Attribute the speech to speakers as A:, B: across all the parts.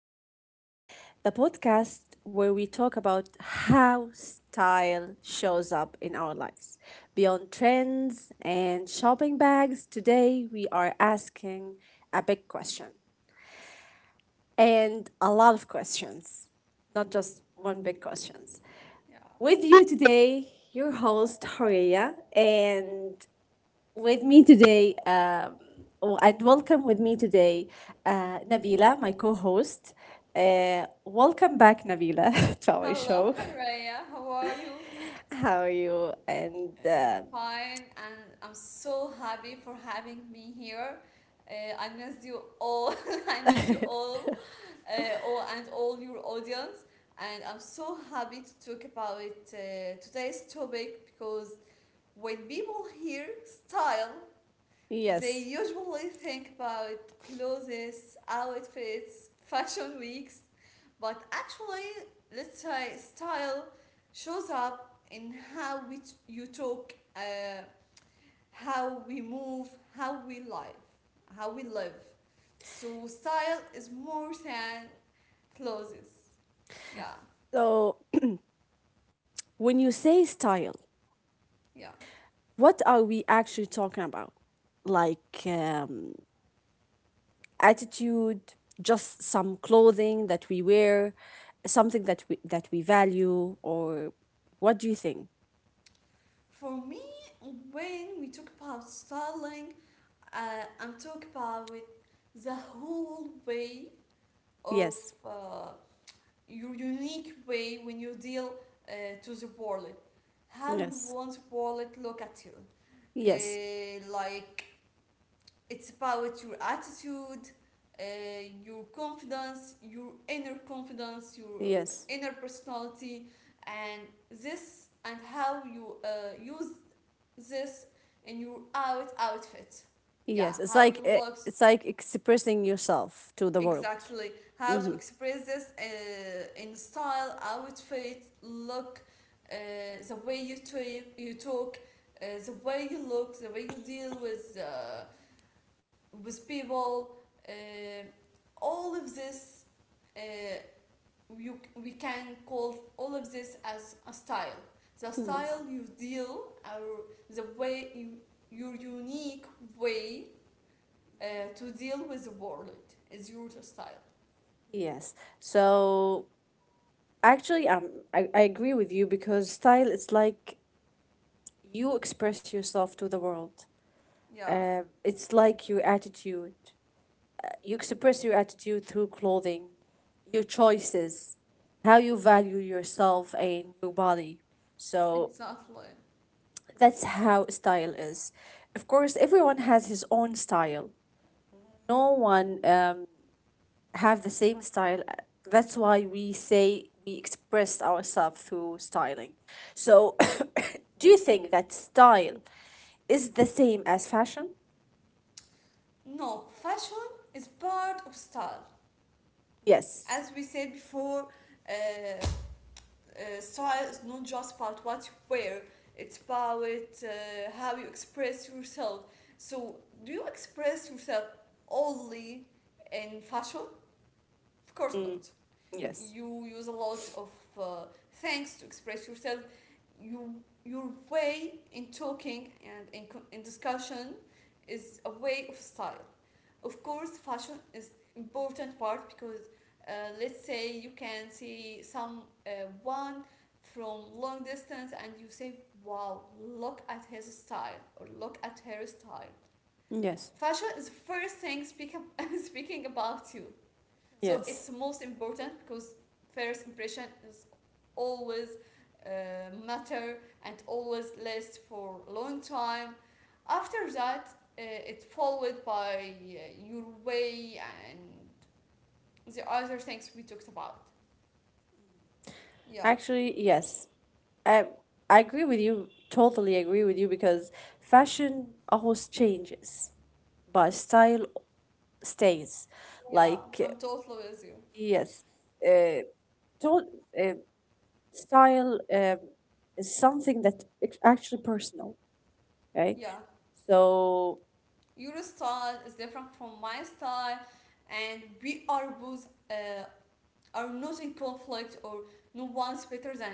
A: Speaking, the podcast where we talk about how style shows up in our lives. Beyond trends and shopping bags, today we are asking a big question and a lot of questions, not just one big questions.
B: Yeah.
A: With you today, your host, Horia, and with me today, oh, and welcome with me today, Nabila, my co host. Welcome back, Nabila, to our
B: Hello,
A: show.
B: Raya. How are you?
A: How are you? And
B: Fine, and I'm so happy for having me here. I miss you all. I miss you all and all your audience. And I'm so happy to talk about today's topic because when people hear style, they
A: yes,
B: usually think about clothes, outfits, fashion weeks, but actually, let's say style shows up in how we you talk, how we move, how we live, how we live. So style is more than clothes. Yeah,
A: so when you say style,
B: yeah.
A: what are we actually talking about? Like attitude, just some clothing that we wear, something that we value, or what do you think?
B: For me, when we talk about styling, I'm talking about the whole way of
A: Yes,
B: uh, your unique way when you deal, uh, to the world. How you
A: yes.
B: want the world look at you.
A: Yes.
B: Like, it's about your attitude, uh, your confidence, your
A: Yes.
B: inner personality, and this and how you use this in your out outfit. Yeah,
A: Yes. It's
B: how
A: like
B: you
A: eh,
B: look.
A: it's like expressing yourself to the world.
B: Exactly. How to
A: Mm-hmm.
B: express this, in style, outfit, look, uh, the way you talk, the way you look, the way you deal with, with people. Uh, all of this, uh, you we can call all of this as a style. The
A: Yes.
B: style you deal, or the way you, your unique way, uh, to deal with the world is your style.
A: Yes. So actually, I agree with you because style is like you express yourself to the world.
B: Yeah.
A: It's like your attitude. You express your attitude through clothing, your choices, how you value yourself and your body. So
B: Exactly.
A: that's how style is. Of course, everyone has his own style. No one have the same style. That's why we say we express ourselves through styling. So do you think that style is the same as fashion?
B: No, fashion is part of style.
A: Yes.
B: As we said before, uh, style is not just about what you wear, it's about how you express yourself. So, do you express yourself only in fashion? Of course not.
A: Mm. Yes.
B: You use a lot of uh, things to express yourself. You, your way in talking and in, in discussion is a way of style. Of course, fashion is important part because, let's say you can see some uh, one from long distance and you say, "Wow, look at his style" or "Look at her style."
A: Yes.
B: Fashion is the first thing speak, speaking about you, so it's
A: Yes.
B: most important because first impression is always, matter and always last for a long time. After that, it's followed by your way and the other things we talked about. Yeah,
A: Actually, yes. I I agree with you. Totally agree with you because fashion always changes, but style stays.
B: yeah, I'm
A: Like
B: totally with you.
A: yes, uh, to- uh, style is something that it's actually personal, okay?
B: Yeah,
A: So
B: your style is different from my style, and we are both, are not in conflict or no one's better than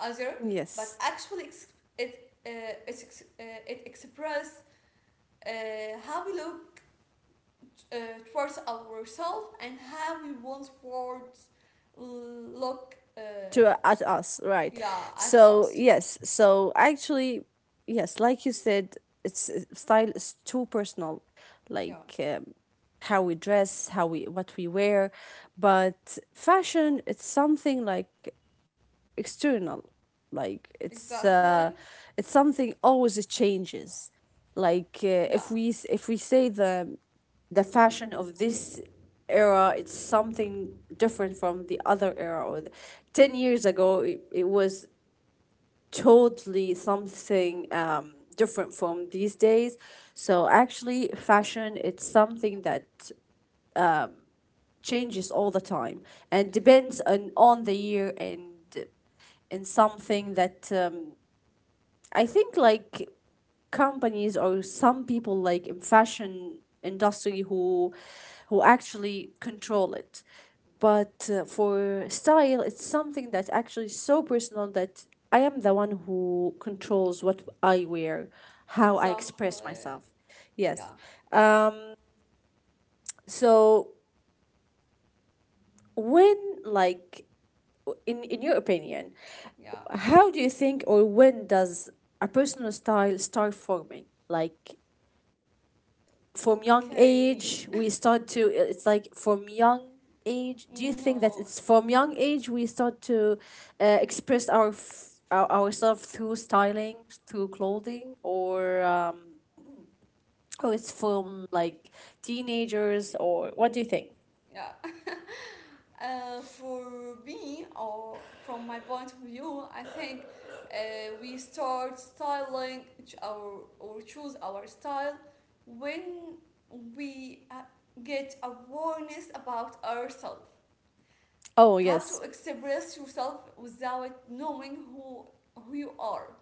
B: other, but
A: yes,
B: actually, it express, how we look, uh, towards ourselves and how we want towards look,
A: to at us, right?
B: yeah at
A: So
B: us.
A: yes, so actually, yes, like you said, it's style is too personal,
B: Yeah,
A: like how we dress, how we what we wear, but fashion it's something like external, like
B: exactly.
A: it's something always it changes, like
B: Yeah,
A: if we say the fashion of this era. It's something different from the other era, or the, 10 years ago it was totally something different from these days. So actually fashion it's something that changes all the time and depends on the year, and something that I think like companies or some people like in fashion industry who actually control it. But for style it's something that actually is so personal that I am the one who controls what I wear, how I
B: exactly.
A: express myself. Yes.
B: Yeah.
A: um so when, like in your opinion,
B: Yeah.
A: how do you think, or when does a personal style start forming? Like from young
B: Okay.
A: age we start to, it's like from young age, do you think
B: No.
A: that it's from young age we start to
B: mm,
A: express our ourselves through styling, through clothing, or oh it's from like teenagers, or what do you think?
B: yeah. For me, or from my point of view, I think we start styling our or choose our style when we, get awareness about ourselves.
A: Oh,
B: How to
A: yes.
B: express yourself without knowing who you are.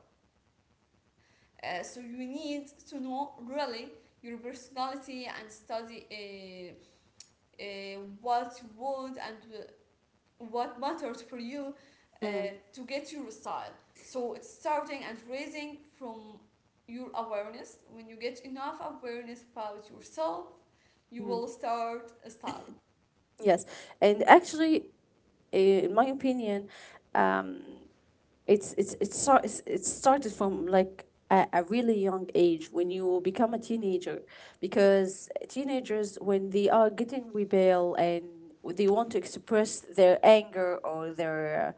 B: So you need to know really your personality and study, what you want and, what matters for you, uh,
A: Mm,
B: to get your style. So it's starting and raising from your awareness. When you get enough awareness about yourself, you will start a style.
A: yes, and actually, in my opinion, um, it started from like a really young age when you become a teenager, because teenagers, when they are getting rebel and they want to express their anger or their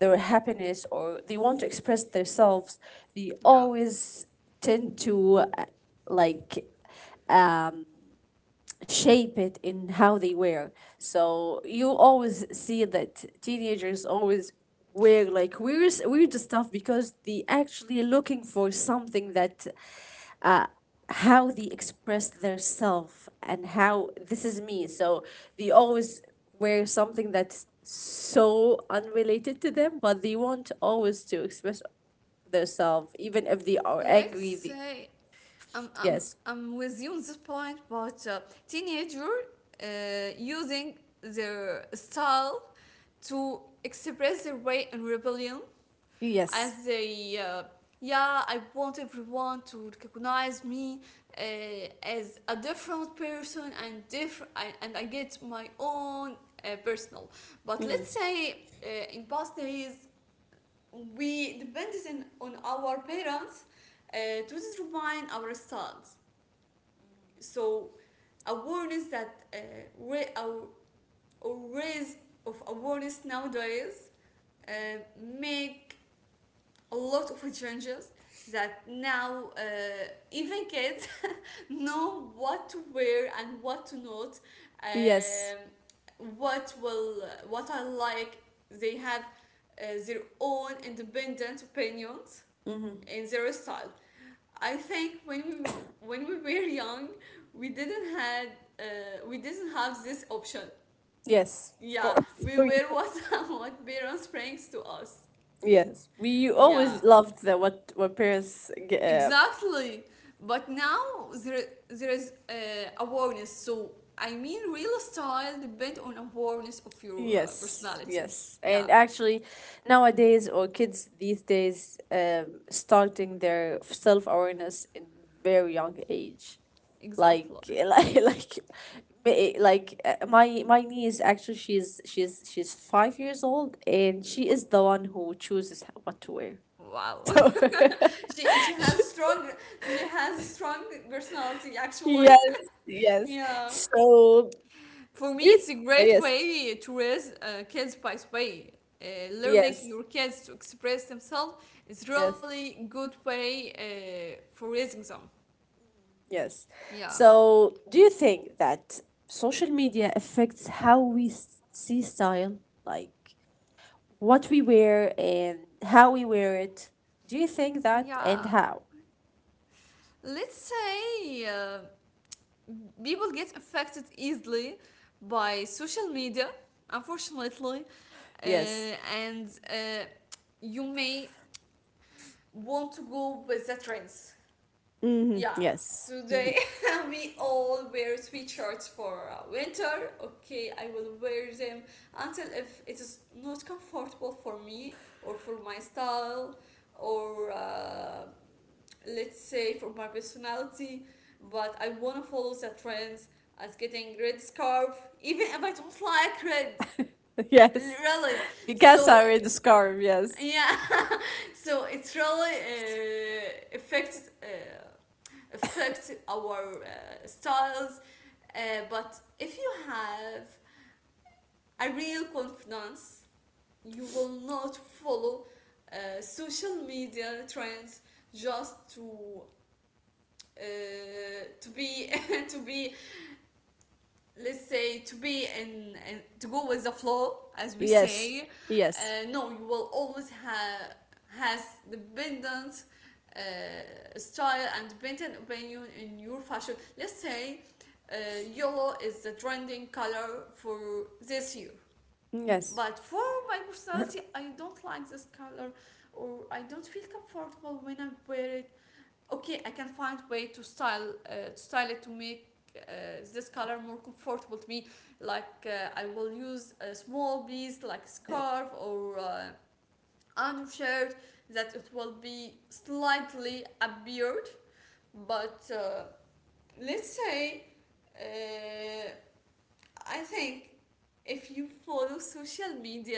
A: their happiness, or they want to express themselves, they
B: Yeah.
A: always tend to like um shape it in how they wear. So you always see that teenagers always wear like weird, weird stuff because they actually looking for something that, uh, how they express their self and how this is me. So they always wear something that's so unrelated to them, but they want always to express their self, even if they are
B: Let's
A: angry. They,
B: say I'm, I'm,
A: yes.
B: I'm with you on this point, but, teenager, using their style to express their way and rebellion
A: Yes.
B: as they, yeah, I want everyone to recognize me, uh, as a different person and different I, and I get my own, personal, but let's say, in past days we depended in, on our parents, uh, to determine our styles, so awareness that, ra- our, our raise of awareness nowadays, uh, make a lot of changes that now, even kids know what to wear and what to not,
A: Yes.
B: what will, what I like, they have, their own independent opinions in their style. I think when we were young we didn't had we didn't have this option.
A: Yes, of
B: Yeah,
A: course.
B: we
A: We-
B: were what what parents brings to us.
A: yes, we
B: Yeah.
A: always loved the what parents get.
B: Exactly. But now there is, awareness. So I mean, real style depends on awareness of your,
A: Yes,
B: personality.
A: yes,
B: Yeah,
A: and actually, nowadays or kids these days, starting their self awareness in very young age, like
B: exactly.
A: my niece actually she's 5 years old and she is the one who chooses what to wear.
B: Wow.
A: So.
B: She has strong she has strong personality actually.
A: Yes, yes.
B: Yeah.
A: So,
B: For me,
A: do you
B: it's
A: th-
B: a great
A: yes,
B: way to raise, kids, by the way. Learning
A: yes,
B: your kids to express themselves is
A: yes,
B: really good way, for raising them.
A: yes.
B: Yeah.
A: So, do you think that social media affects how we see style, like what we wear and how we wear it? Do you think that,
B: Yeah.
A: and how?
B: Let's say, people get affected easily by social media, unfortunately,
A: Yes.
B: and you may want to go with the trends.
A: Mm-hmm.
B: Yeah,
A: Yes.
B: today we all wear sweatshirts for, winter. Okay, I will wear them until, if it is not comfortable for me or for my style or, let's say for my personality, but I want to follow the trends as getting red scarf even if I don't like red,
A: Yes.
B: really.
A: Because
B: So
A: I wear the scarf, yes.
B: yeah. So it's really, uh, affects uh, affect our, styles, but if you have a real confidence you will not follow, social media trends just to, uh, to be to be let's say to be and to go with the flow as we say.
A: Yes. Yes.
B: No, you will always have has dependent, uh, style and dependent opinion in your fashion. Let's say, uh, yellow is the trending color for this year,
A: Yes.
B: but for my personality I don't like this color or I don't feel comfortable when I wear it. Okay, I can find way to style, to style it to make, uh, this color more comfortable to me, like, I will use a small piece like scarf or, undershirt that it will be slightly appeared. But, let's say, uh, I think if you follow social media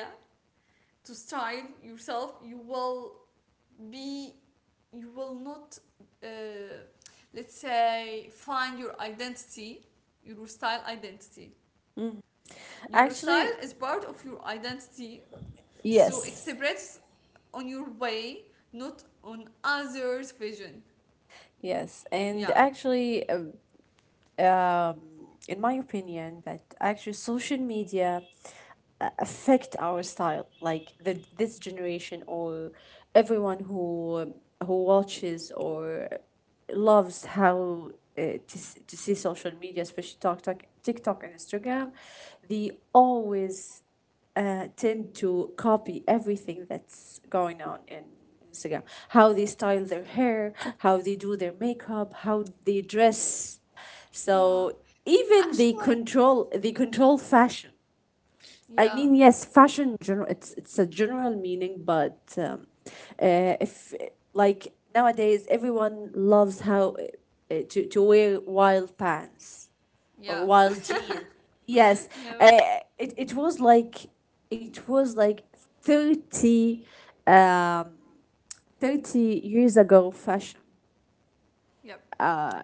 B: to style yourself you will be, you will not, uh, let's say find your identity, your style identity. Your style
A: Actually,
B: is part of your identity, so
A: yes.
B: express on your way, not on others vision.
A: Yes, and
B: Yeah.
A: actually, um, in my opinion, that actually social media affect our style. Like the this generation, or everyone who watches or loves how to see social media, especially TikTok and
B: Yeah.
A: Instagram, they always tend to copy everything that's going on in Instagram. How they style their hair, how they do their makeup, how they dress.
B: Yeah.
A: So even they
B: Actually,
A: control they control fashion. I
B: yeah.
A: mean, yes, fashion general. It's a general meaning, but if like nowadays everyone loves how to wear wild pants
B: Yeah.
A: while G. Yes,
B: Yeah.
A: uh, it was like it was like 30, um, 30 years ago fashion.
B: Yeah.
A: Uh,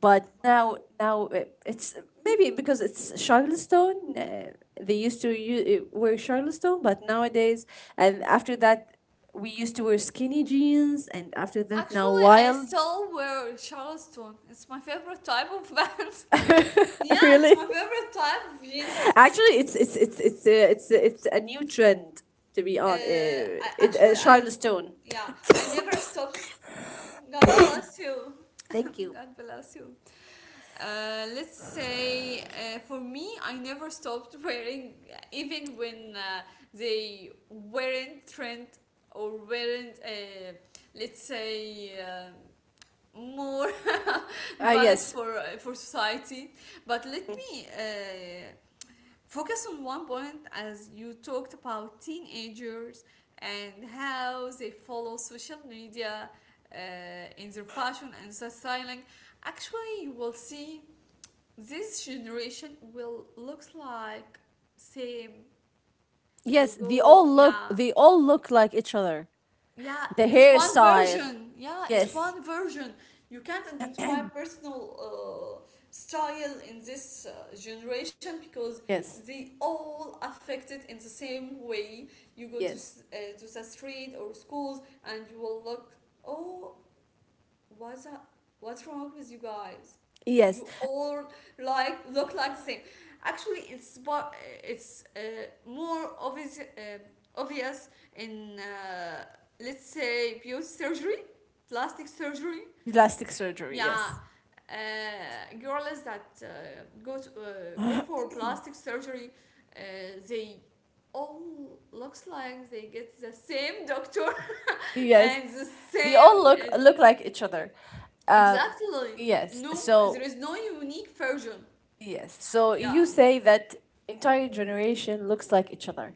A: but now it's maybe because it's Charleston. They used to wear Charleston, but nowadays and after that we used to wear skinny jeans, and after that now
B: Actually I
A: wild.
B: still wear charleston, it's my favorite type of pants. Yeah, it's my
A: Really.
B: favorite type of jeans.
A: Actually, it's a, it's a, it's a new trend to be on.
B: Uh, I
A: It
B: actually, I
A: Charlotte Stone.
B: Yeah, I never stopped. God bless you.
A: Thank you.
B: God bless you. Let's say, for me, I never stopped wearing, even when, they weren't trend or weren't, let's say, more
A: Ah,
B: valid
A: yes.
B: for, for society. But let me. Focus on one point as you talked about teenagers and how they follow social media, in their fashion and their styling. Actually, you will see this generation will looks like same. You
A: Yes, they
B: go,
A: all look
B: yeah.
A: they all look like each other.
B: Yeah,
A: The
B: it's one
A: hairstyle.
B: version. Yeah, it's
A: Yes.
B: one version. You can't identify personal, style in this, generation because
A: Yes,
B: they all affect it in the same way. You go to,
A: yes,
B: to the street or schools and you will look. Oh, what's up? What's wrong with you guys?
A: yes.
B: You all like look like the same. Actually, it's, but it's, more obvious obvious in, let's say beauty surgery, plastic surgery.
A: Plastic surgery,
B: Yeah,
A: yes.
B: girls that, go to, uh, go for plastic surgery, uh, they all looks like they get the same doctor
A: Yes.
B: and the
A: They all
B: same,
A: look
B: uh,
A: look like each other. Um
B: exactly.
A: yes.
B: No, there
A: So
B: is no unique version.
A: yes. So you
B: Yeah,
A: say that entire generation looks like each other.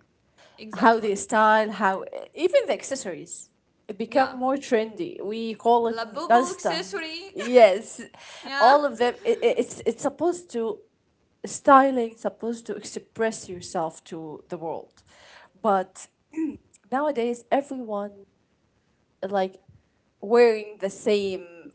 A: How
B: exactly.
A: the style, how even the accessories become
B: Yeah.
A: more trendy. We call it
B: La Bobo
A: Nasta.
B: accessory.
A: Yes,
B: Yeah.
A: all of them. It's supposed to styling, supposed to express yourself to the world,
B: Yeah,
A: but nowadays everyone like wearing the same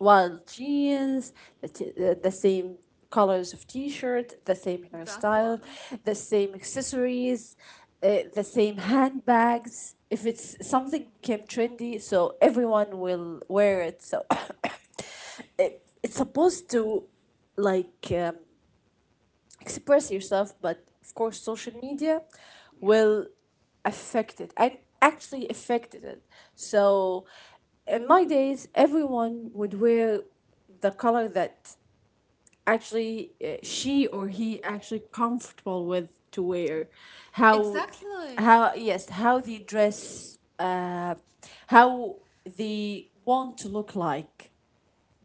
A: wild jeans, the, t- the same colors of t-shirt, the same
B: exactly.
A: hairstyle, the same accessories, the same handbags. If it's something became trendy, so everyone will wear it. So it's supposed to like express yourself, but of course social media
B: Yeah.
A: will affect it, and actually affected it. So in my days everyone would wear the color that actually she or he actually comfortable with to wear, how th-
B: Exactly.
A: how, yes, how they dress, how they want to look like.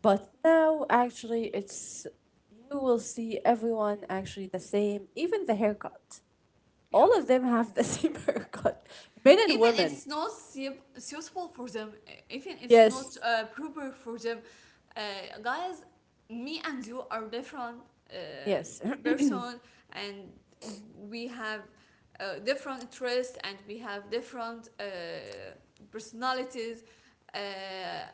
A: But now, actually, it's you will see everyone actually the same, even the haircut.
B: Yeah.
A: All of them have the same haircut, men
B: Even
A: and
B: it's
A: women.
B: not suitable for them, even it's not,
A: Yes,
B: proper for them, uh, guys, me and you are different, uh,
A: yes,
B: person and we have, different interests and we have different, personalities, uh,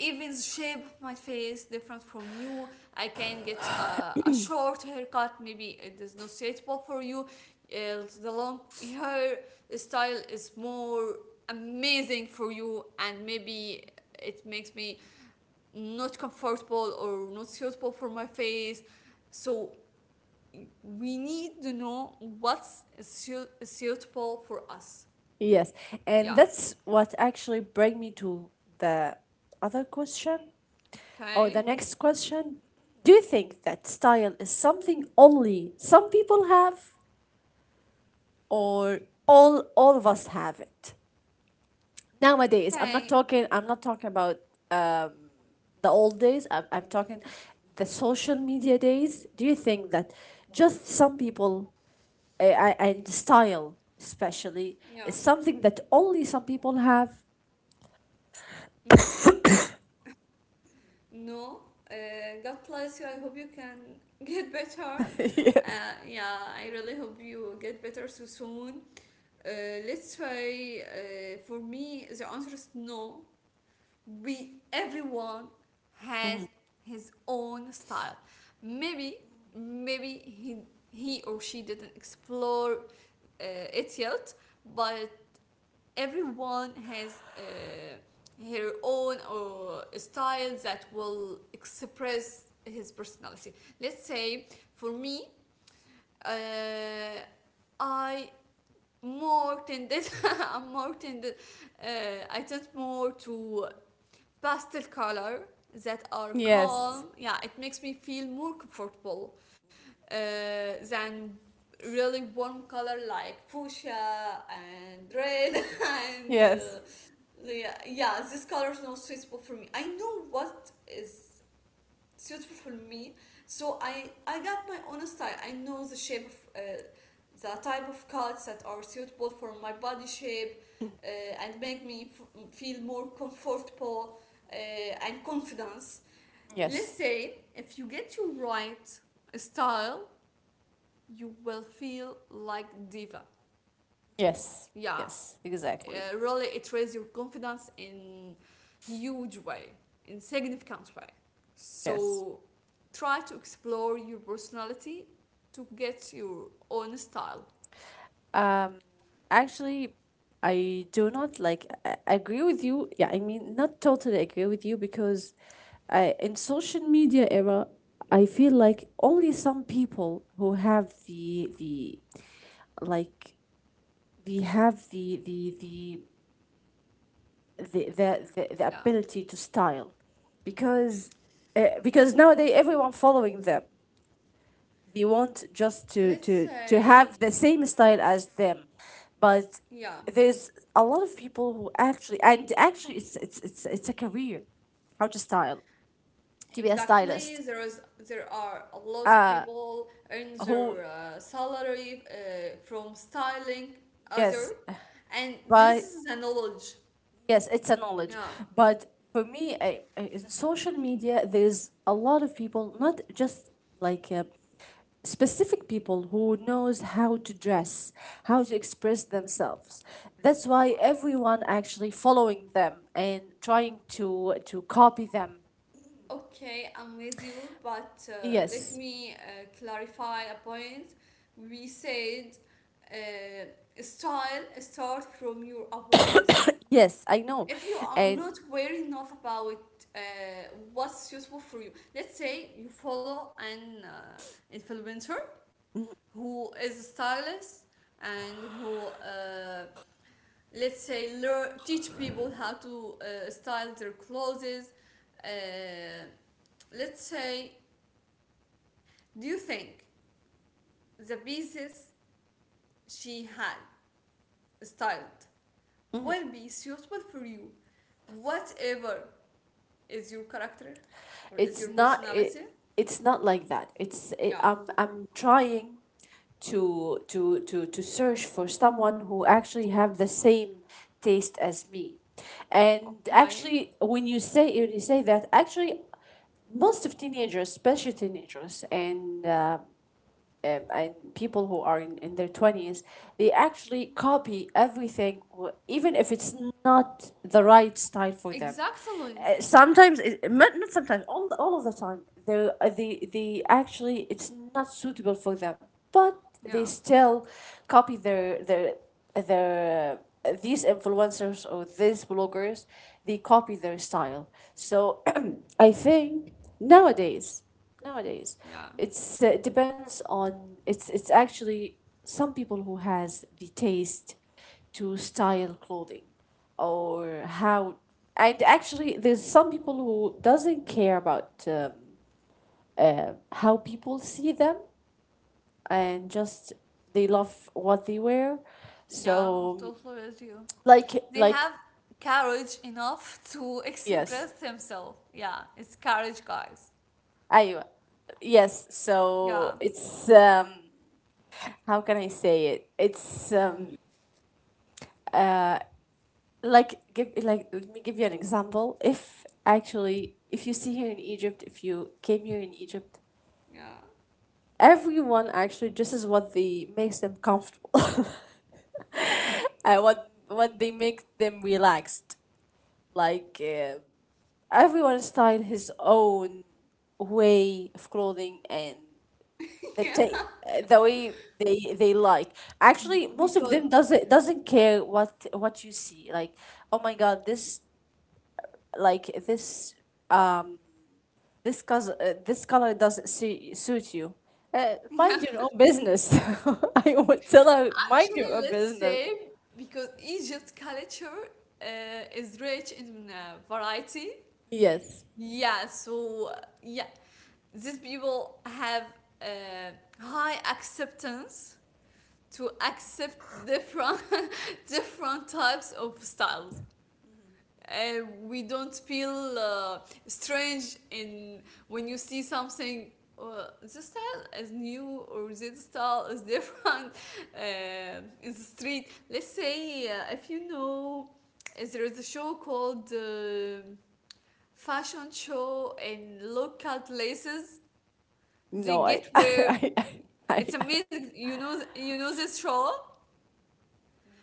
B: even the shape of my face different from you. I can get, a short haircut, maybe it is not suitable for you, the long hair style is more amazing for you, and maybe it makes me not comfortable or not suitable for my face, so we need to know what's suitable for us.
A: yes. And
B: Yeah.
A: that's what actually bring me to the other question, or the
B: Okay.
A: next question. Do you think that style is something only some people have, or all of us have it? Nowadays i'm
B: Okay.
A: not talking i'm not talking about um, the old days. I'm talking the social media days. Do you think that just some people and style especially
B: Yeah.
A: is something that only some people have?
B: No. No. uh, God bless you, I hope you can get better.
A: Yes.
B: Yeah, I really hope you get better so soon. Uh, let's say, for me the answer is no. We, everyone has his own style. Maybe maybe he or she didn't explore, it yet, but everyone has, her own, style that will express his personality. Let's say for me, uh, I more tended, i more tended I tend more to pastel color that are
A: Yes.
B: calm. Yeah, it makes me feel more comfortable, than really warm color like fuchsia and red. And,
A: Yes.
B: yeah, yeah, these colors are not suitable for me. I know what is suitable for me. So I got my own style. I know the shape of, the type of cuts that are suitable for my body shape, uh, and make me feel more comfortable, uh, and confidence.
A: Yes.
B: Let's say if you get your right style, you will feel like diva.
A: Yes.
B: Yeah,
A: Yes. Exactly.
B: really it raises your confidence in huge way in significant way,
A: Yes.
B: so try to explore your personality to get your own style.
A: Actually, I do not, like, I agree with you. Yeah, I mean, not totally agree with you, because in social media era, I feel like only some people who have the, like, we have the
B: Yeah,
A: ability to style, because because nowadays everyone following them, they want just to
B: let's
A: to to
B: say.
A: have the same style as them. But
B: Yeah,
A: there's a lot of people who actually, and actually it's a career, how to style, to be a
B: exactly.
A: stylist
B: There are a lot of people earn
A: who,
B: their salary from styling other.
A: yes,
B: And this
A: but
B: is the knowledge.
A: yes, it's a knowledge.
B: Yeah.
A: But for me, in social media, there's a lot of people, not just like specific people who knows how to dress, how to express themselves. That's why
B: Okay.
A: everyone actually following them and trying to copy them.
B: Okay, I'm with you, but let
A: Yes.
B: me clarify a point. We said style start from your awareness.
A: Yes, I know.
B: If you are
A: And
B: not aware enough about uh, what's useful for you, let's say you follow an influencer who is a stylist and who, let's say, learn, teach people how to style their clothes. Uh, let's say, do you think the pieces she had styled will be suitable for you, whatever is your character or is
A: it's
B: your
A: not it
B: personality?
A: it's not like that,
B: Yeah.
A: I'm trying to search for someone who actually have the same taste as me. And
B: Okay.
A: actually, when you say that actually most of teenagers, especially teenagers and people who are in their 20s, they actually copy everything even if it's not the right style for them.
B: Exactly.
A: Sometimes it- not not sometimes all of the time they they actually, it's not suitable for them, but they
B: Yeah.
A: still copy their these influencers or these bloggers. They copy their style. So I think nowadays Nowadays
B: Yeah.
A: it's depends on it's actually some people who has the taste to style clothing or how. And actually, there's some people who doesn't care about how people see them, and just they love what they wear.
B: Yeah.
A: So,
B: Totally with you.
A: like
B: They
A: like
B: have courage enough to
A: yes.
B: express themselves. Yeah. It's courage, guys.
A: I, yes, so
B: Yeah.
A: it's how can I say it, it's uh, like, give like let me give you an example. If actually, if you see here in Egypt, if you came here in Egypt,
B: Yeah.
A: everyone actually, this is what they makes them comfortable. What they make them relaxed. like uh, Everyone style his own way of clothing, and the
B: Yeah.
A: ta- the way they like. Actually, most
B: Because.
A: of them doesn't care what you see. Like, oh my god, this, um this cause, this color doesn't suit you.
B: Yeah.
A: Mind your own business. I would tell her, mind
B: Actually,
A: your own
B: let's
A: business.
B: say, because Egypt culture is rich in variety.
A: Yes.
B: Yeah, so yeah, these people have uh, high acceptance to accept different different types of styles. We don't feel uh, strange in when you see something, this style is new or this style is different in the street. Let's say, if you know, there is a show called fashion show in local places.
A: No,
B: They
A: I
B: get where
A: I,
B: it's
A: I
B: amazing. You know this show.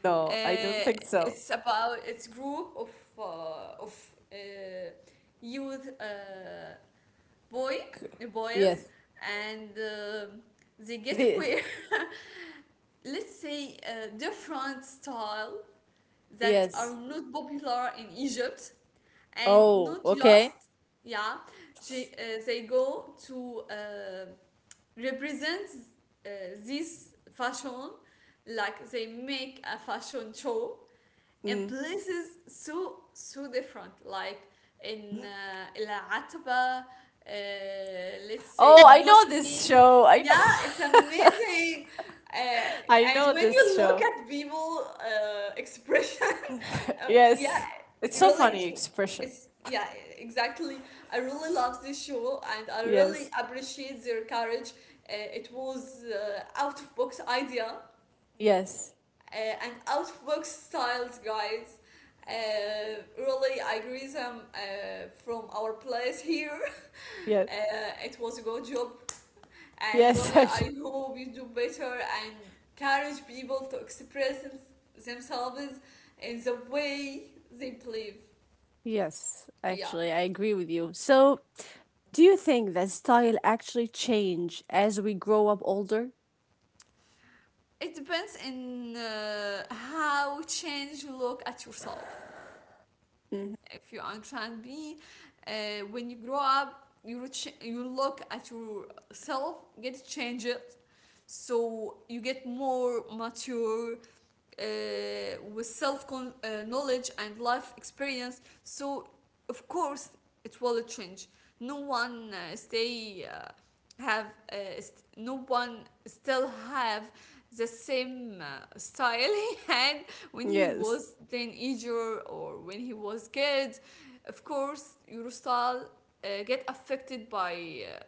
A: No, I don't
B: Uh,
A: think so.
B: it's group of uh, of uh, youth, boy boys.
A: Yes.
B: And they get
A: This.
B: wear let's say different style that are
A: Yes.
B: not popular in Egypt. And
A: Oh,
B: not
A: okay.
B: just, yeah, they, they go to represent uh, this fashion, like they make a fashion show. And
A: Mm.
B: places so different, like in العتبة, let's say,
A: Oh, I know this
B: الموسكي.
A: show. I
B: Yeah, it's amazing.
A: I
B: And
A: know
B: when
A: this
B: you look
A: show.
B: at people, expression. Yeah.
A: Yes,
B: It
A: it's so
B: really, it's
A: funny expression.
B: it's yeah, exactly. I really love this show and I really
A: Yes.
B: appreciate their courage. It was out of box idea,
A: Yes.
B: and out styles, guys. Really, I greet them from our place here.
A: Yes.
B: It was a good job, and
A: Yes.
B: really,
A: I,
B: I hope you do better, and encourage people to express themselves in the way they believe.
A: yes,
B: Yeah,
A: actually, I agree with you. So, do you think that style actually change as we grow up older?
B: it depends in how change you look at yourself. If you're on Plan B, uh, when you grow up, you look at yourself, get change it, so you get more mature with self con-, knowledge and life experience. So of course it will change. No one stay have no one still have the same style he, when he
A: Yes.
B: was teenager or when he was kid. Of course your style get affected by, uh,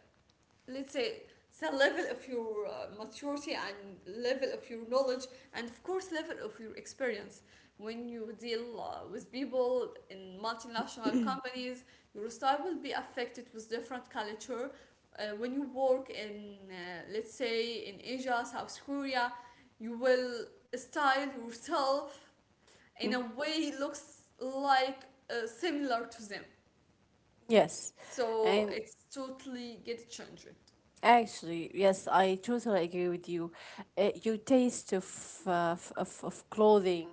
B: let's say, the level of your maturity, and level of your knowledge, and of course level of your experience. When you deal with people in multinational companies, your style will be affected with different culture. When you work in, let's say, in Asia, South Korea, you will style yourself in a way he looks like similar to them.
A: Yes.
B: So
A: And
B: it's totally get changed.
A: actually, yes, I totally agree with you. Your taste of, of clothing,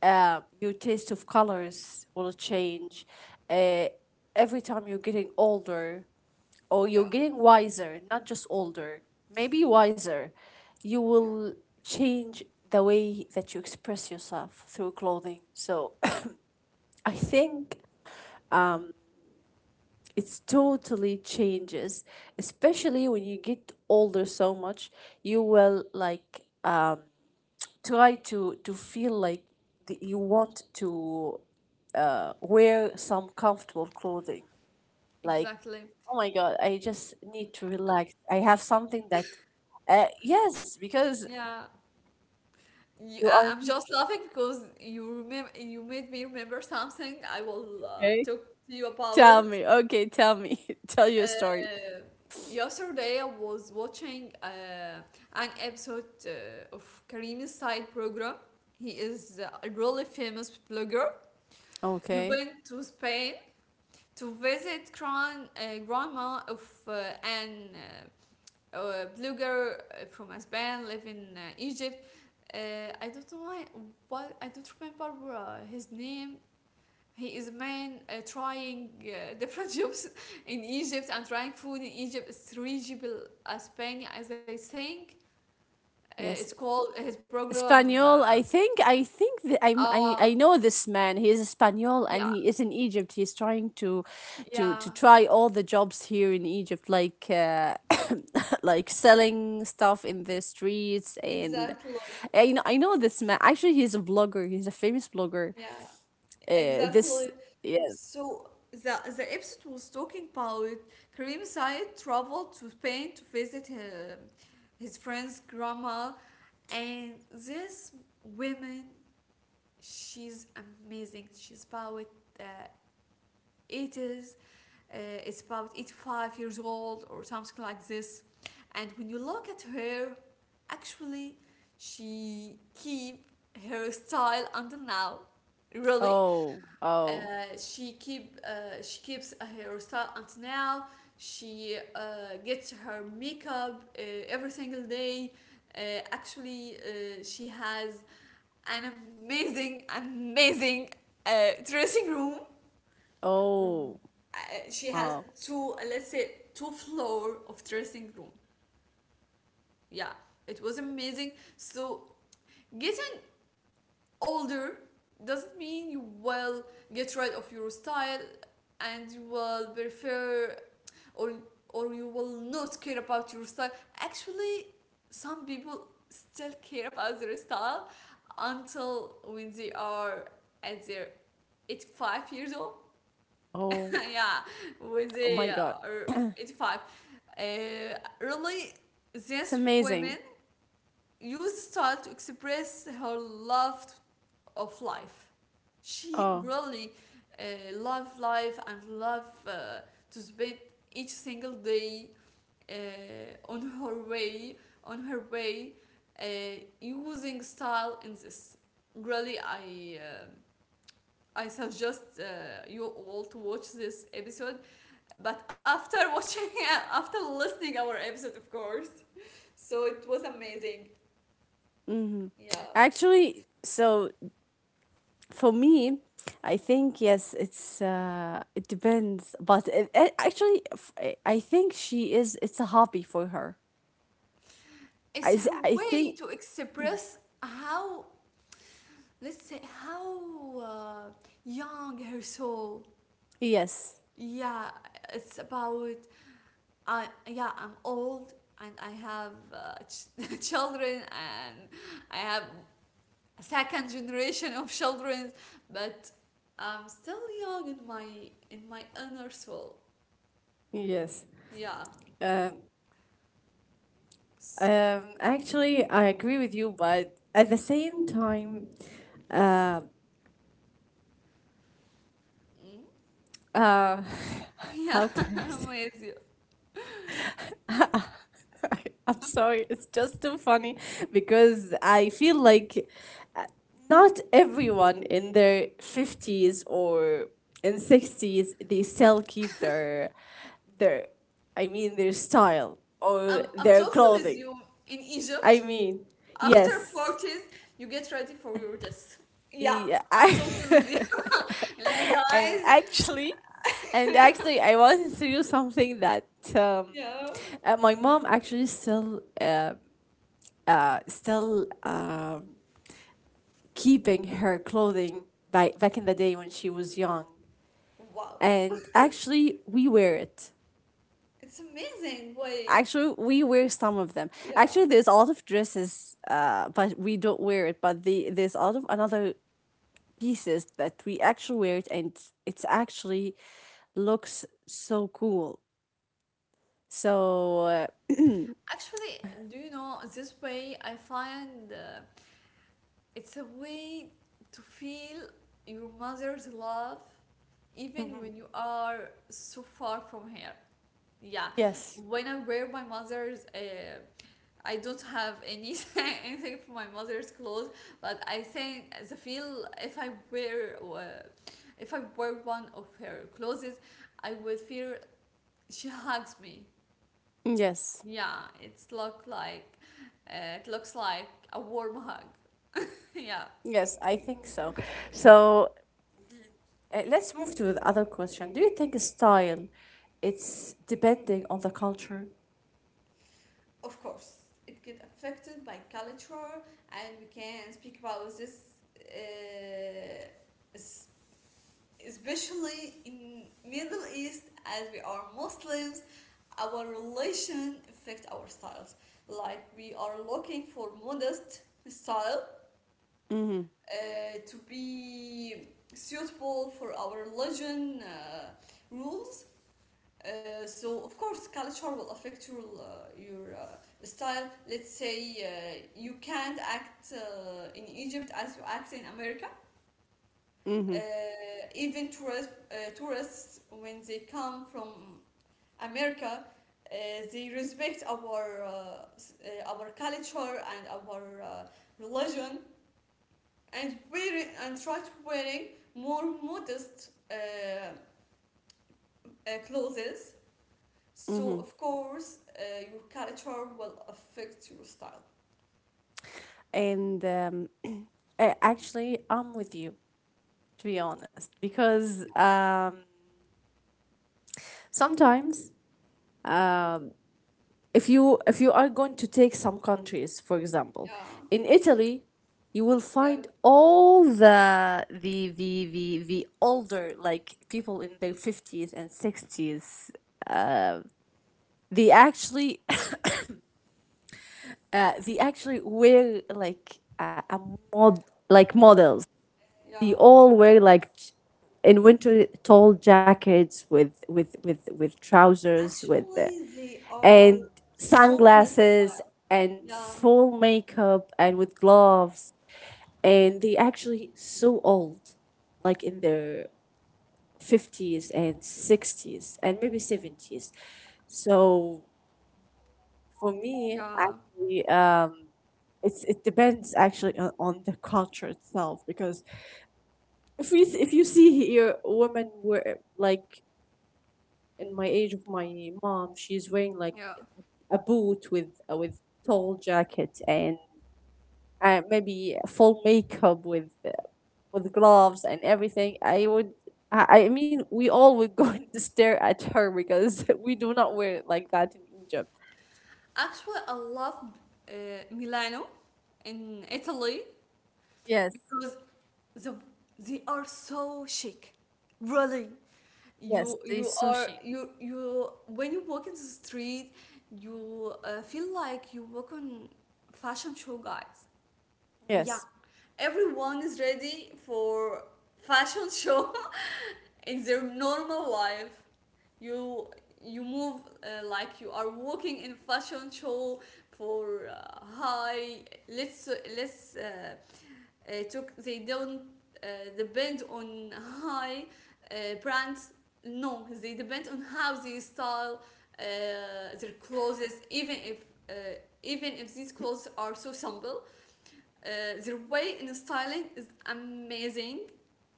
A: your taste of colors will change, uh, every time you're getting older or you're
B: Yeah,
A: getting wiser, not just older, maybe wiser. You
B: yeah.
A: will change the way that you express yourself through clothing. So I think it's totally changes, especially when you get older so much. You will like, try to feel like you want to, wear some comfortable clothing. Like,
B: Exactly.
A: oh my god, I just need to relax, I have something that, yes, because
B: Yeah.
A: you
B: I'm
A: are.
B: just laughing because you remember you made me remember something I will
A: Okay,
B: talk to you
A: tell
B: about.
A: me. Okay, tell me. Tell your story.
B: Uh, yesterday I was watching an episode of Karim's side program. He is a really famous blogger. He
A: Okay.
B: went to Spain to visit grandma of, uh, an blogger from Spain living in Egypt. Uh, I don't know why, what I don't remember his name. He is a man trying different jobs in Egypt, and trying food in Egypt. It's reachable as Spain, as I think. It's
A: Yes.
B: called his program.
A: Spaniel, I think,
B: Uh,
A: I know this man. He is Spaniel
B: yeah,
A: and he is in Egypt. He's trying
B: yeah,
A: to try all the jobs here in Egypt, like like selling stuff in the streets. And
B: exactly.
A: I know, I know this man. Actually, he's a blogger. He's a famous blogger.
B: Yeah.
A: This
B: Exactly.
A: yes.
B: So the episode was talking about Karim Said traveled to Spain to visit her, his friend's grandma. And this woman, she's amazing. She's about, uh, 80s, uh, it's about 85 years old or something like this. And when you look at her, actually, she keep her style until now. Really?
A: Oh, oh.
B: She keeps her style until now. She gets her makeup every single day. Actually, she has an amazing, amazing dressing room. Mm-hmm.
A: Oh.
B: She has
A: Oh.
B: let's say, two floor of dressing room. Yeah, it was amazing. So getting older doesn't mean you will get rid of your style, and you will prefer, or you will not care about your style. Actually, some people still care about their style until when they are at their 85 years old.
A: Oh.
B: Yeah, when
A: Oh
B: they
A: my god.
B: are 85, uh, really
A: It's
B: these
A: amazing.
B: women use style to express her love to of life. She
A: Oh.
B: really uh, love life, and love to spend each single day on her way, on her way, uh, using style in this. Really, I suggest you all to watch this episode. But after watching, after listening our episode, of course. So it was amazing.
A: Mhm.
B: Yeah,
A: Actually, so for me, I think, yes, it's uh, it depends, but it actually, I think she is, it's a hobby for her.
B: it's her
A: I
B: way
A: think,
B: to express how, let's say, how young her soul.
A: yes.
B: Yeah, it's about. I Yeah, I'm old, and I have children, and I have a second generation of children, but I'm still young in my, inner soul.
A: Yes.
B: Yeah.
A: Um,
B: S-.
A: actually, I agree with you, but at the same time, uh,
B: Mm,
A: uh,
B: yeah.
A: how can I say?
B: I'm with you.
A: I'm sorry, it's just too funny because I feel like not everyone in their 50s or in 60s they still keep their their I mean, their style or
B: I'm
A: their
B: totally with
A: clothing.
B: you in
A: I
B: Egypt.
A: mean,
B: After
A: yes.
B: 40s, you get ready for your test. Yeah,
A: Yeah,
B: I'm
A: I.
B: totally with you. Like,
A: And
B: guys,
A: actually, I wanted to do something that, um
B: yeah.
A: my mom actually still, keeping her clothing back in the day when she was young,
B: Wow.
A: and actually we wear it.
B: It's amazing way.
A: Actually, we wear some of them.
B: Yeah.
A: Actually, there's a lot of dresses, uh, but we don't wear it, but there's a lot of another pieces that we actually wear it, and it's actually looks so cool. So
B: Actually, do you know this way I find it's a way to feel your mother's love even when you are so far from her. Yeah,
A: yes,
B: when I wear my mother's, I don't have any anything for my mother's clothes. But I think the feel, if I wear one of her clothes, I would feel she hugs me.
A: yes,
B: Yeah, it looks like a warm hug. Yeah.
A: yes, I think so. So let's move to the other question. Do you think style, it's depending on the culture?
B: Of course, it get affected by culture, and we can speak about this, uh, s- especially in Middle East, as we are Muslims. Our relation affect our styles, like we are looking for modest style to be suitable for our religion, rules. So of course culture will affect your, your uh, style. Let's say, you can't act in Egypt as you act in America. Tourists, when they come from America, uh, they respect our, our culture and our religion, and wearing and try to wearing more modest clothes. So of course, your culture will affect your style.
A: And actually, I'm with you, to be honest, because sometimes, um, if you are going to take some countries, for example,
B: Yeah,
A: in Italy, you will
B: yeah,
A: find all the older, like people in their 50s and 60s, they actually they actually wear like a mod, like models. They
B: yeah.
A: all wear like in winter, tall jackets with trousers, with
B: Actually, they are
A: and
B: so in a
A: sunglasses
B: style.
A: and
B: Yeah,
A: full makeup and with gloves, and they actually so old, like in their 50s and 60s and maybe 70s. So for me,
B: yeah.
A: actually, it's, it depends actually on the culture itself, because if you see here, women wear like, in my age of my mom, she's wearing like
B: Yeah.
A: a boot with tall jacket and maybe full makeup with gloves and everything. I mean, we all would go and stare at her, because we do not wear it like that in Egypt.
B: Actually, I love uh, Milano in Italy,
A: Yes.
B: because the, they are so chic. Really.
A: Yes.
B: You
A: It's so
B: are
A: chic.
B: you you When you walk in the street, you feel like you walk on fashion show, guys. Yeah.
A: Yes.
B: Everyone is ready for fashion show in their normal life. you you move like you are walking in fashion show for high. Let's, let's uh, uh, took, they don't uh, depend on high brands. No, they depend on how they style uh, their clothes, even if uh, even if these clothes are so simple. Their way in styling is amazing,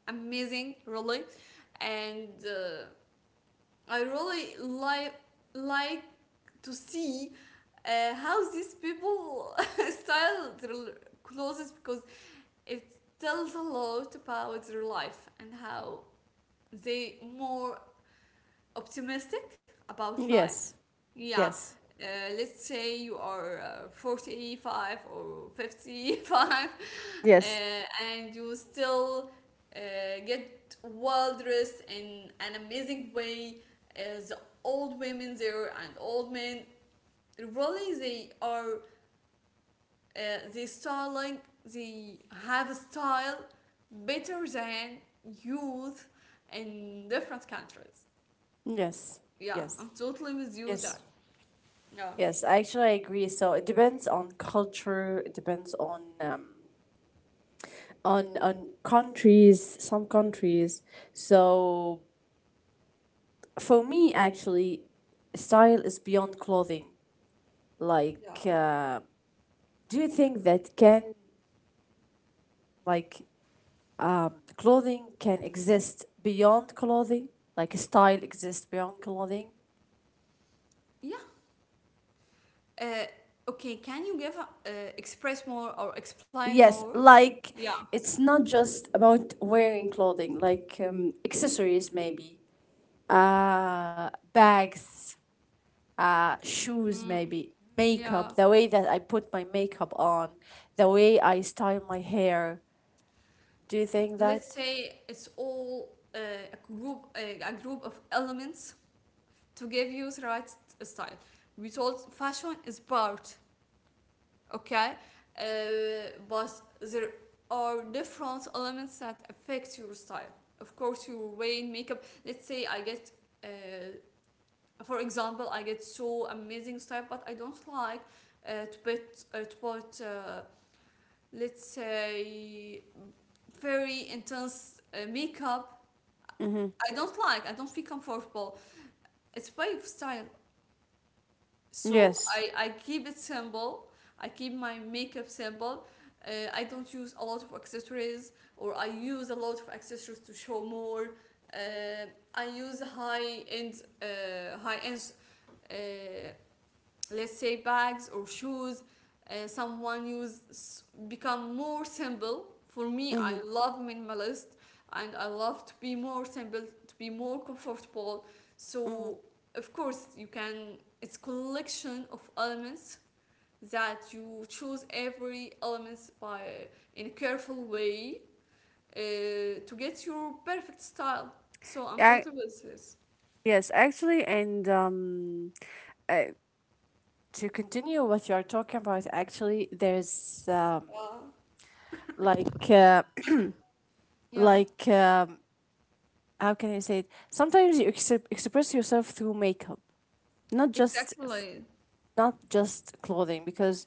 B: amazing, really. And I really like to see how these people style their clothes, because it tells a lot about their life and how they more optimistic about
A: Yes.
B: life. Yeah.
A: Yes.
B: Uh, let's say you are 45 or 55 uh,
A: Yes.
B: and you still uh, get well dressed in an amazing way, as old women there and old men. Really, they are they styling. They have style better than youth in different countries.
A: Yes.
B: Yeah, I'm
A: Yes.
B: totally with you that.
A: Yes.
B: Yeah.
A: Yes, actually, I actually agree. So it depends on culture. It depends on on countries, some countries. So for me, actually, style is beyond clothing.
B: Yeah.
A: Like, do you think that can, like, clothing can exist beyond clothing? Like style exists beyond clothing?
B: Yeah. Uh, okay, can you give express more or explain
A: Yes,
B: more?
A: like,
B: Yeah.
A: it's not just about wearing clothing. Like accessories, maybe, bags, shoes,
B: Mm,
A: maybe
B: yeah.
A: makeup, the way that I put my makeup on, the way I style my hair. Do you think
B: Let's
A: that?
B: say it's all a group of elements to give you the right, style. We told fashion is part, okay? But there are different elements that affect your style. Of course, your way in makeup. Let's say, I get uh, for example, I get so amazing style, but I don't like to put, let's say, very intense makeup.
A: Mm-hmm.
B: I don't like. I don't feel comfortable. It's way of style. So
A: Yes.
B: I keep it simple. I keep my makeup simple. I don't use a lot of accessories, or I use a lot of accessories to show more. Uh, I use high end uh, high end uh, let's say bags or shoes. Someone use become more simple for me.
A: Mm-hmm.
B: I love minimalist, and I love to be more simple, to be more comfortable,
A: Hmm.
B: so of course you can, it's collection of elements that you choose every elements by in a careful way to get your perfect style. So I'm
A: I,
B: totally with this.
A: yes, actually, and uh, to continue what you are talking about, actually, there's
B: Yeah,
A: like
B: yeah,
A: like how can I say it? Sometimes you express yourself through makeup, not just
B: exactly,
A: f- not just clothing, because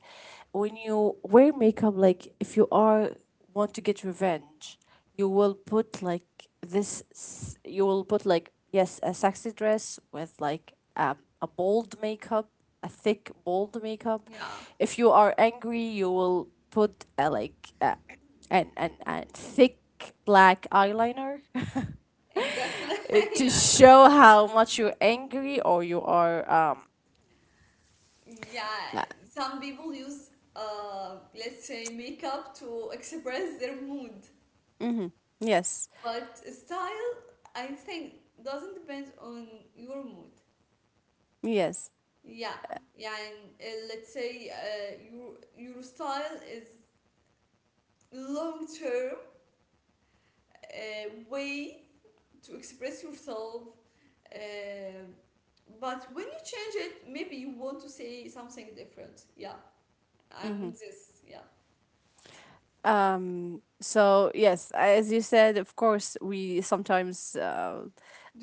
A: when you wear makeup, like, if you are want to get revenge, you will put like you will put like, yes, a sexy dress with like a bold makeup, a thick bold makeup.
B: yeah.
A: If you are angry, you will put a like an, an thick black eyeliner.
B: Exactly.
A: It,
B: Yeah.
A: to show how much you're angry or you are um.
B: Yeah. Some people use, let's say, makeup to express their mood.
A: Mhm, yes.
B: But style, I think, doesn't depend on your mood.
A: Yes.
B: Yeah. Yeah. And let's say your style is long term way to express yourself. Uh, but when you change it, maybe you want to say something different. Yeah. I'm
A: Mhm.
B: this. Yeah.
A: So yes, as you said, of course, we sometimes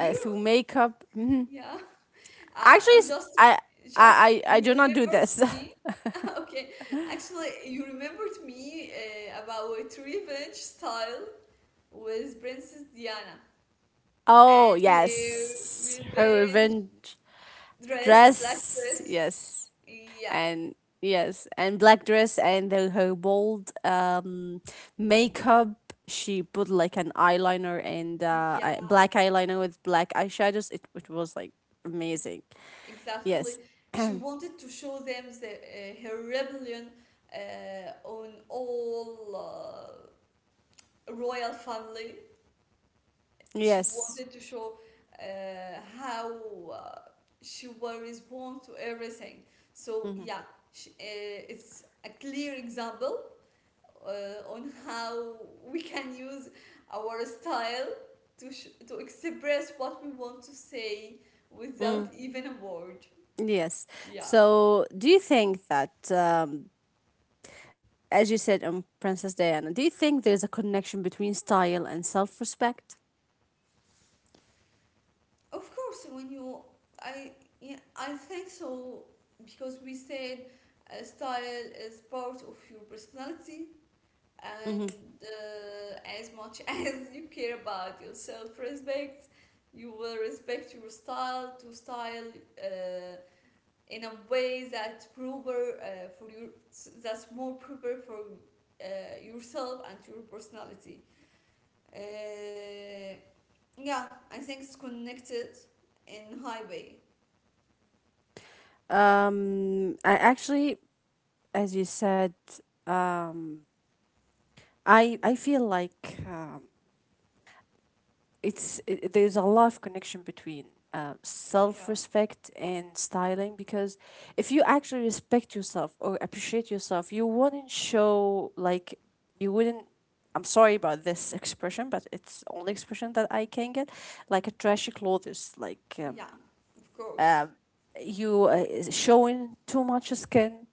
B: Do
A: through
B: you
A: makeup. Mhm.
B: Yeah,
A: Actually,
B: I'm just,
A: I
B: just
A: I
B: you
A: do not do
B: remembered
A: this.
B: me. Okay, actually, you remembered me about revenge style with Princess Diana
A: Oh
B: and her
A: yes, her
B: revenge
A: revenge
B: dress, black
A: dress.
B: dress.
A: Yes,
B: Yeah,
A: and yes, and black dress and her bold makeup. She put like an eyeliner and
B: yeah,
A: black eyeliner with black eyeshadows. It was like
B: it,
A: amazing.
B: exactly.
A: Yes.
B: She wanted to show them her rebellion on all royal family. She
A: Yes.
B: wanted to show uh, how uh, she was respond to everything. So
A: Hmm.
B: yeah, it's a clear example on how we can use our style to express what we want to say without
A: Mm,
B: even a word.
A: yes.
B: Yeah,
A: So, do you think that, as you said on Princess Diana, do you think there's a connection between style and self respect?
B: of course. When you, I Yeah, I think so, because we said style is part of your personality,
A: Hmm.
B: and as much as you care about your self-respect, you will respect your style to style uh, in a way that proper for your that's more proper for yourself and your personality. uh, yeah, I think it's connected in highway.
A: I actually, as you said, um, I feel like there's a lot of connection between
B: Yeah,
A: self-respect and styling, because if you actually respect yourself or appreciate yourself, you wouldn't show like, you wouldn't, I'm sorry about this expression, but it's the only expression that I can get, like a trashy clothes, like
B: yeah, of
A: um,
B: course.
A: you is showing too much skin,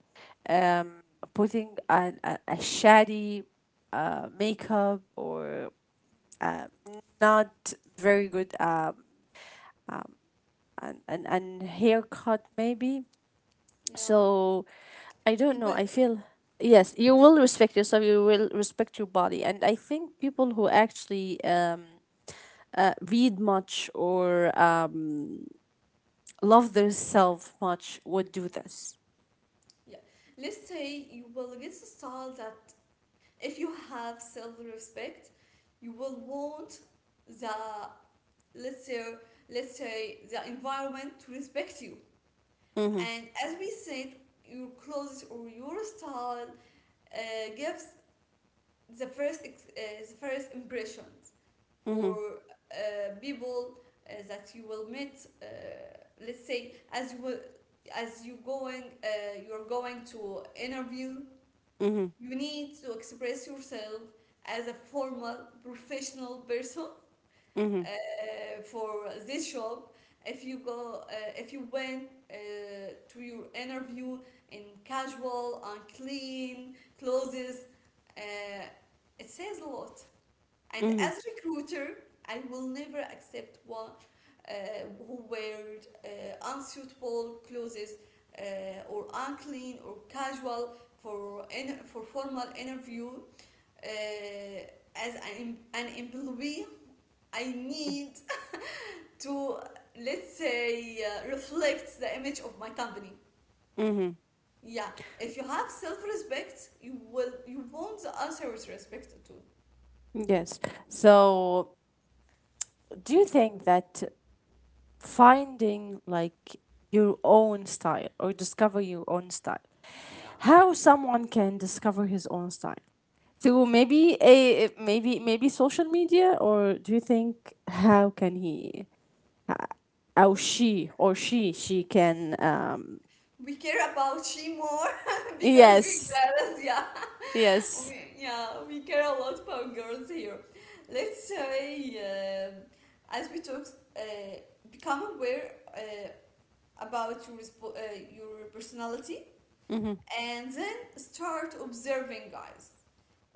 A: um, putting a shady makeup, or uh, not very good um, and, and haircut maybe.
B: Yeah,
A: So I don't
B: you
A: know,
B: will
A: I feel, yes, you will respect yourself, you will respect your body, and I think people who actually read much or love themselves much would do this.
B: yeah let's say you will get a style that, if you have self-respect, you will want the let's say let's say the environment to respect you.
A: Mm-hmm.
B: And as we said, your clothes or your style gives the first impressions for
A: Mm-hmm.
B: people that you will meet. Let's say, as you will, as you going you're going to interview,
A: Mm-hmm.
B: you need to express yourself as a formal professional person
A: Mm-hmm.
B: for this job. If you went uh, to your interview in casual, unclean clothes, uh, it says a lot. And
A: Mm-hmm.
B: as recruiter, I will never accept one uh, who wears unsuitable clothes or unclean or casual for formal interview. Uh, as an employee, I need to let's say reflect the image of my company.
A: Hmm.
B: Yeah, if you have self-respect, you want the others respect too.
A: Yes. So, do you think that finding, like, your own style or discover your own style,
B: Yeah.
A: how someone can discover his own style through maybe a maybe social media, or do you think how can he, uh, how she
B: Okay,
A: or she can um.
B: we care about she more because we
A: Yes.
B: girls, yeah,
A: Yes.
B: we care a lot about girls here. Let's say, um as we talk, uh, become aware about your personality,
A: Mm-hmm.
B: and then start observing guys,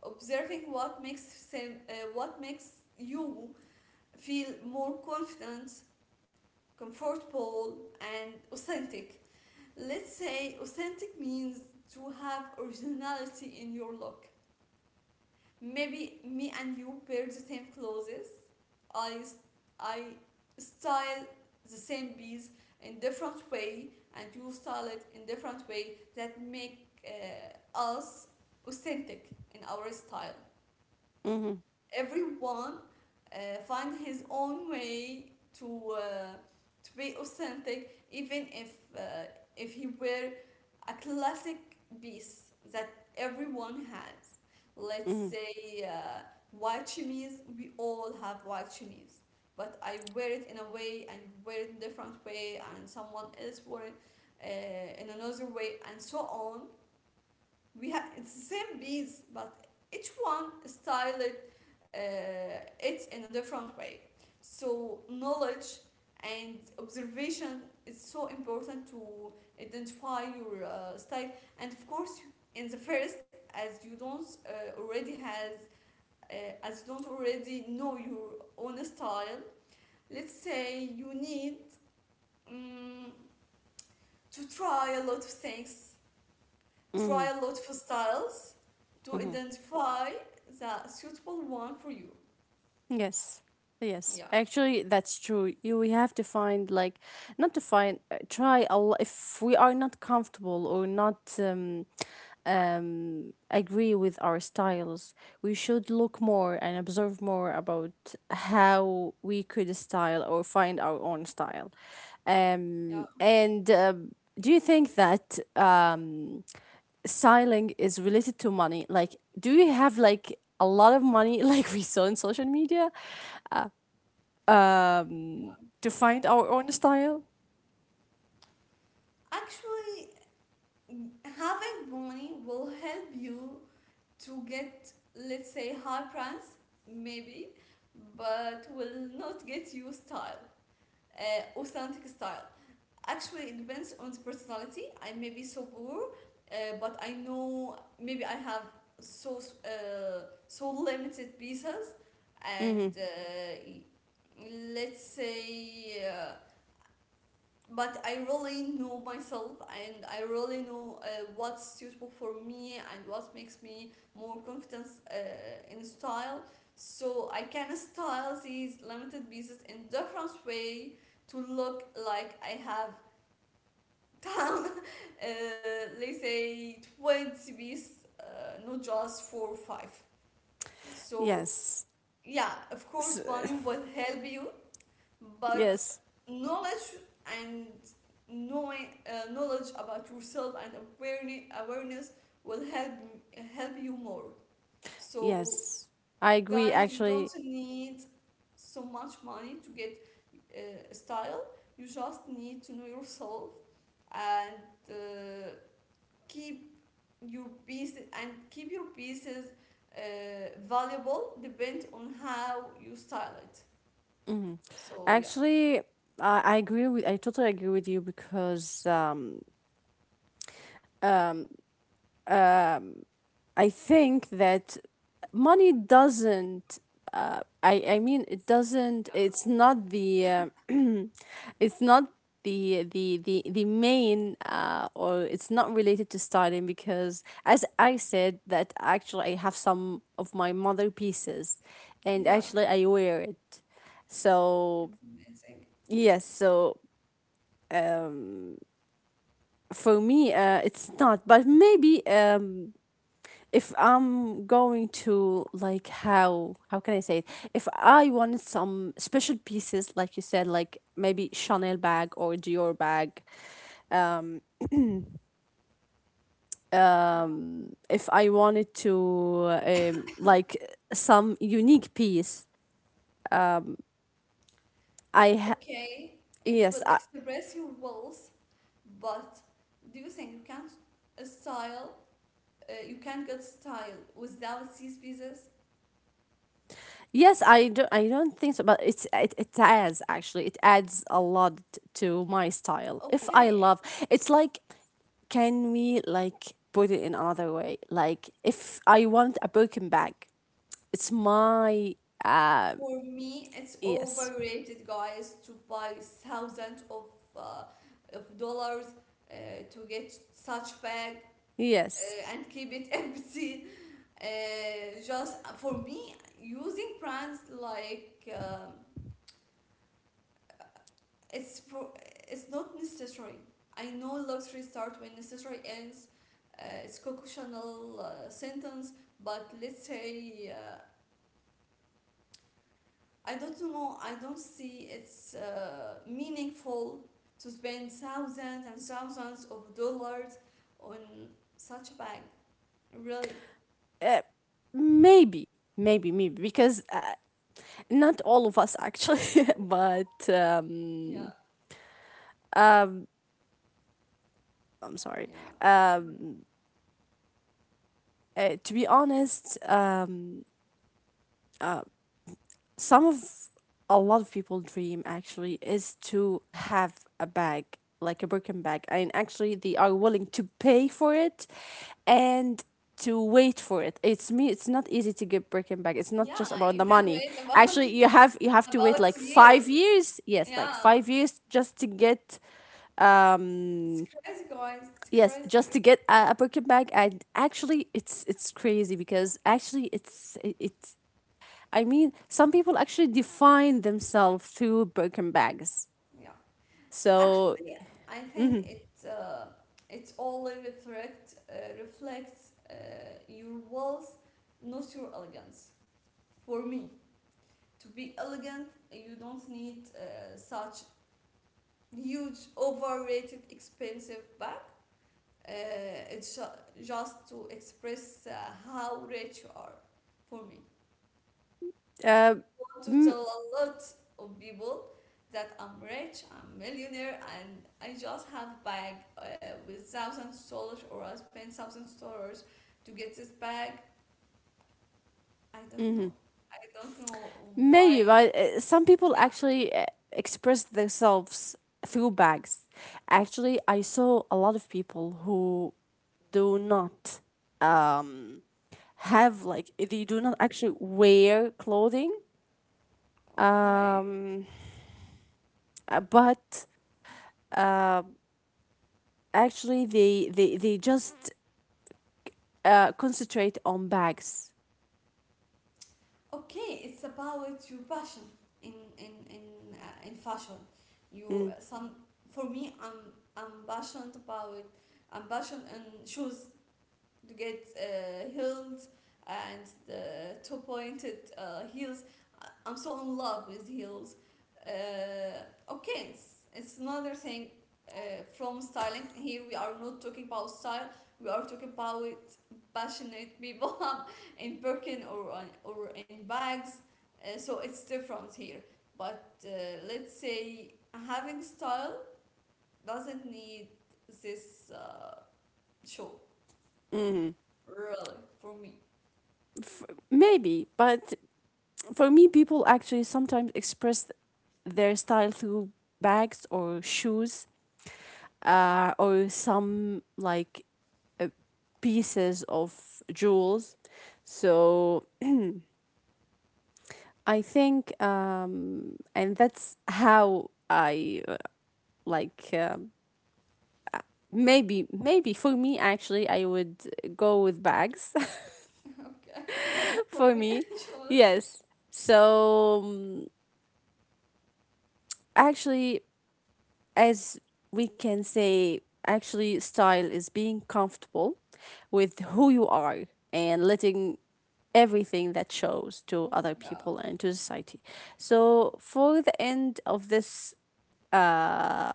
B: observing what makes you feel more confident, comfortable, and authentic. Let's say authentic means to have originality in your look. Maybe me and you wear the same clothes. I I style the same piece in different way, and you style it in different way that make us authentic in our style.
A: Mm-hmm.
B: Everyone uh, find his own way to uh, to be authentic, even if he were a classic piece that everyone has, let's
A: Mm-hmm.
B: say white chemise. We all have white chemise, but I wear it in a way and you wear it in a different way and someone else wore it in another way, and so on. We have, it's the same beads, but each one styled it in a different way. So knowledge and observation is so important to identify your style. And of course, in the first, as you don't uh, already has uh, as you don't already know your own style, let's say you need um, to try a lot of things.
A: Mm-hmm.
B: Try a lot of styles to
A: Mm-hmm.
B: identify the suitable one for you.
A: Yes. Yes.
B: Yeah,
A: Actually, that's true. You, we have to find like, not to find try a lot, if we are not comfortable or not um, um, agree with our styles, we should look more and observe more about how we could style or find our own style.
B: yeah.
A: Um, and do you think that um, styling is related to money? Like, do you have like a lot of money like we saw in social media, um, to find our own style.
B: Actually, having money will help you to get, let's say, high price, maybe, but will not get you style, authentic style. Actually, it depends on the personality. I may be so poor, but I know maybe I have so so limited pieces, and
A: Mm-hmm.
B: let's say. But I really know myself, and I really know what's suitable for me and what makes me more confident uh, in style. So I can style these limited pieces in different way to look like I have time uh, let's say 20 beats not just four or five, so
A: Yes.
B: yeah, of
A: S-.
B: course money will help you, but
A: Yes.
B: knowledge and knowing knowledge about yourself and awareness will help you more, so
A: Yes. I agree.
B: guys, you
A: Actually,
B: don't need so much money to get style. You just need to know yourself and uh, keep keep your pieces valuable, depends on how you style it. So yeah,
A: actually, I agree with. I totally agree with you, because I think that money doesn't. I mean, it
B: yeah,
A: doesn't. It's not the. It's not the main or it's not related to styling, because as I said, that actually I have some of my mother pieces, and
B: yeah.
A: actually I wear it.
B: It's
A: So
B: amazing.
A: yes, so um, for me, it's not. But maybe um, if I'm going to like, how can I say it? If I wanted some special pieces, like you said, like maybe Chanel bag or Dior bag. Uh,
B: Yeah.
A: if I wanted to like, some unique piece, I ha-,
B: Okay, it will
A: yes, I,
B: express your walls, but do you think you can style? You can get style without these pieces?
A: yes, I don't, I don't think so, but it adds, actually, it adds a lot to my style. If I
B: Okay.
A: love, it's like, can we like put it in another way? Like, if I want a Birkin bag, it's my uh,
B: For me, it's
A: yes.
B: overrated, guys, to buy thousands uh, of dollars uh, to get such bag
A: Yes.
B: and keep it empty. Just for me, using brands like it's pro- it's not necessary. I know luxury starts when necessary ends. It's a Chanel sentence, but let's say. I don't know. I don't see it's meaningful to spend thousands and thousands of dollars on such a bag. Really?
A: Uh, maybe maybe because not all of us actually but
B: Yeah,
A: um, I'm sorry,
B: yeah,
A: um, to be honest, um, some of a lot of people dream actually is to have a bag, like a Birkin bag, and actually they are willing to pay for it and to wait for it. It's me, it's not easy to get Birkin bag, it's not
B: yeah.
A: just about the
B: You can
A: money.
B: wait about
A: Actually, you have to wait
B: about a
A: like
B: year.
A: 5 years, yes, like
B: Yeah,
A: 5 years just to get
B: it's
A: um,
B: crazy, guys. It's
A: yes, just
B: crazy.
A: to get a Birkin bag. And actually, it's crazy, because actually it, I mean, some people actually define themselves through broken bags.
B: Yeah. Actually,
A: So,
B: I think it only reflects your wealth, not your elegance. For me. To be elegant, you don't need such huge, overrated, expensive bag. Uh, just to express how rich you are, for me.
A: uh,
B: You want to tell
A: m-
B: a lot of people that I'm rich, I'm millionaire, and I just have a bag with thousands of dollars, or I spend thousands of dollars to get this bag. I don't know. I don't know
A: maybe,
B: why.
A: but some people actually express themselves through bags. Actually, I saw a lot of people who do not um, have, like, they do not actually wear clothing.
B: Okay.
A: Um, but uh, actually, they just concentrate on bags.
B: Okay, it's about your passion in in in in fashion. You
A: Mm.
B: some For me, I'm passionate about I'm passionate in shoes to get heels and the two pointed heels. I'm so in love with heels. Okay, it's another thing from styling. Here we are not talking about style. We are talking about passionate people in Birkin or in bags. So it's different here. But let's say having style doesn't need this show,
A: Mm.
B: really, for me.
A: Maybe, but for me, people actually sometimes express their style through bags or shoes, or some like uh, pieces of jewels. So I think, and that's how I like.
B: Mm,
A: Maybe, maybe for me, actually, I would go with bags.
B: okay, for
A: For
B: me
A: me,
B: shows.
A: yes. So actually, as we can say, actually, style is being comfortable with who you are, and letting everything that shows to other
B: Yeah,
A: people and to society. So, for the end of this uh,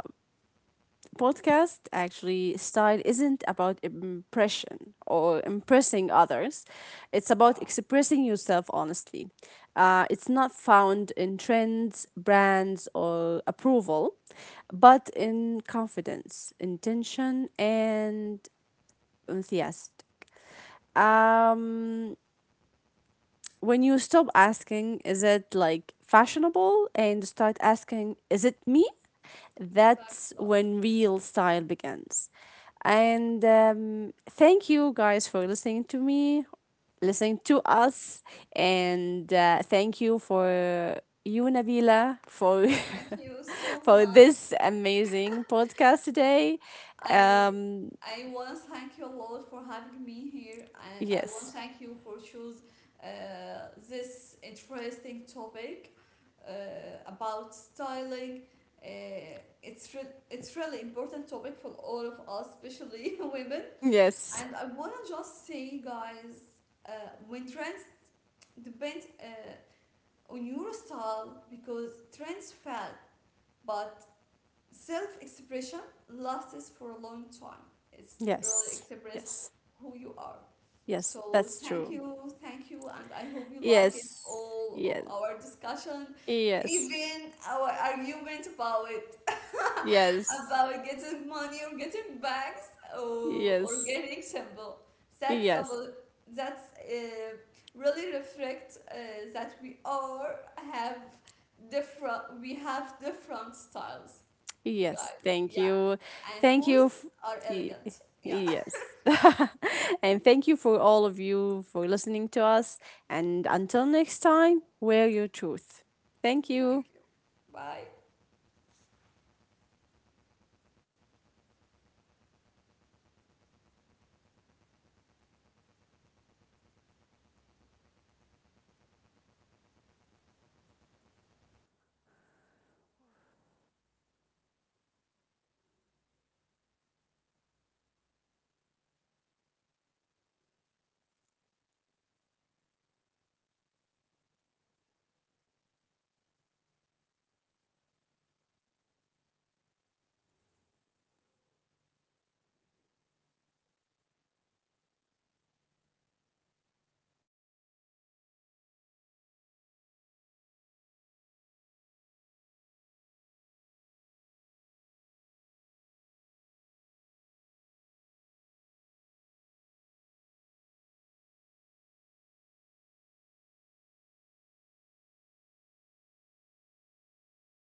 A: podcast, actually style isn't about impression or impressing others, it's about
B: yeah,
A: expressing yourself honestly. Uh, it's not found in trends, brands, or approval, but in confidence, intention, and enthusiasm. Um, when you stop asking, is it like fashionable, and start asking, is it me, that's
B: exactly.
A: when real style begins. And thank you guys for listening to me, listening to us. And thank you for you, Nabila, for.
B: Thank you so
A: For
B: much.
A: this amazing podcast today.
B: I
A: Um,
B: I want to thank you a lot for having me here, and I want to
A: yes,
B: thank you for choose uh, this interesting topic uh, about styling. Uh, it's re it's really important topic for all of us, especially women.
A: yes,
B: And I wanna just say, guys, uh, when trends depend on your style, because trends fad, but self expression lasts for a long time. It's really
A: yes,
B: expressed
A: yes,
B: who you are.
A: yes,
B: So
A: that's true.
B: thank you, and I hope you like it
A: Yes,
B: all of
A: yes,
B: our discussion,
A: yes,
B: even our argument about it,
A: yes,
B: about getting money or getting bags or
A: yes,
B: getting symbol. That's
A: yes.
B: about that's really reflect that we all have different we have different styles. Guy,
A: Yes, thank
B: yeah.
A: you.
B: And
A: Thank you.
B: booze
A: F-.
B: or
A: Y-.
B: elegance. Yeah.
A: Yes. And thank you for all of you for listening to us. And until next time, wear your truth. Thank
B: Thank
A: you.
B: you. Bye.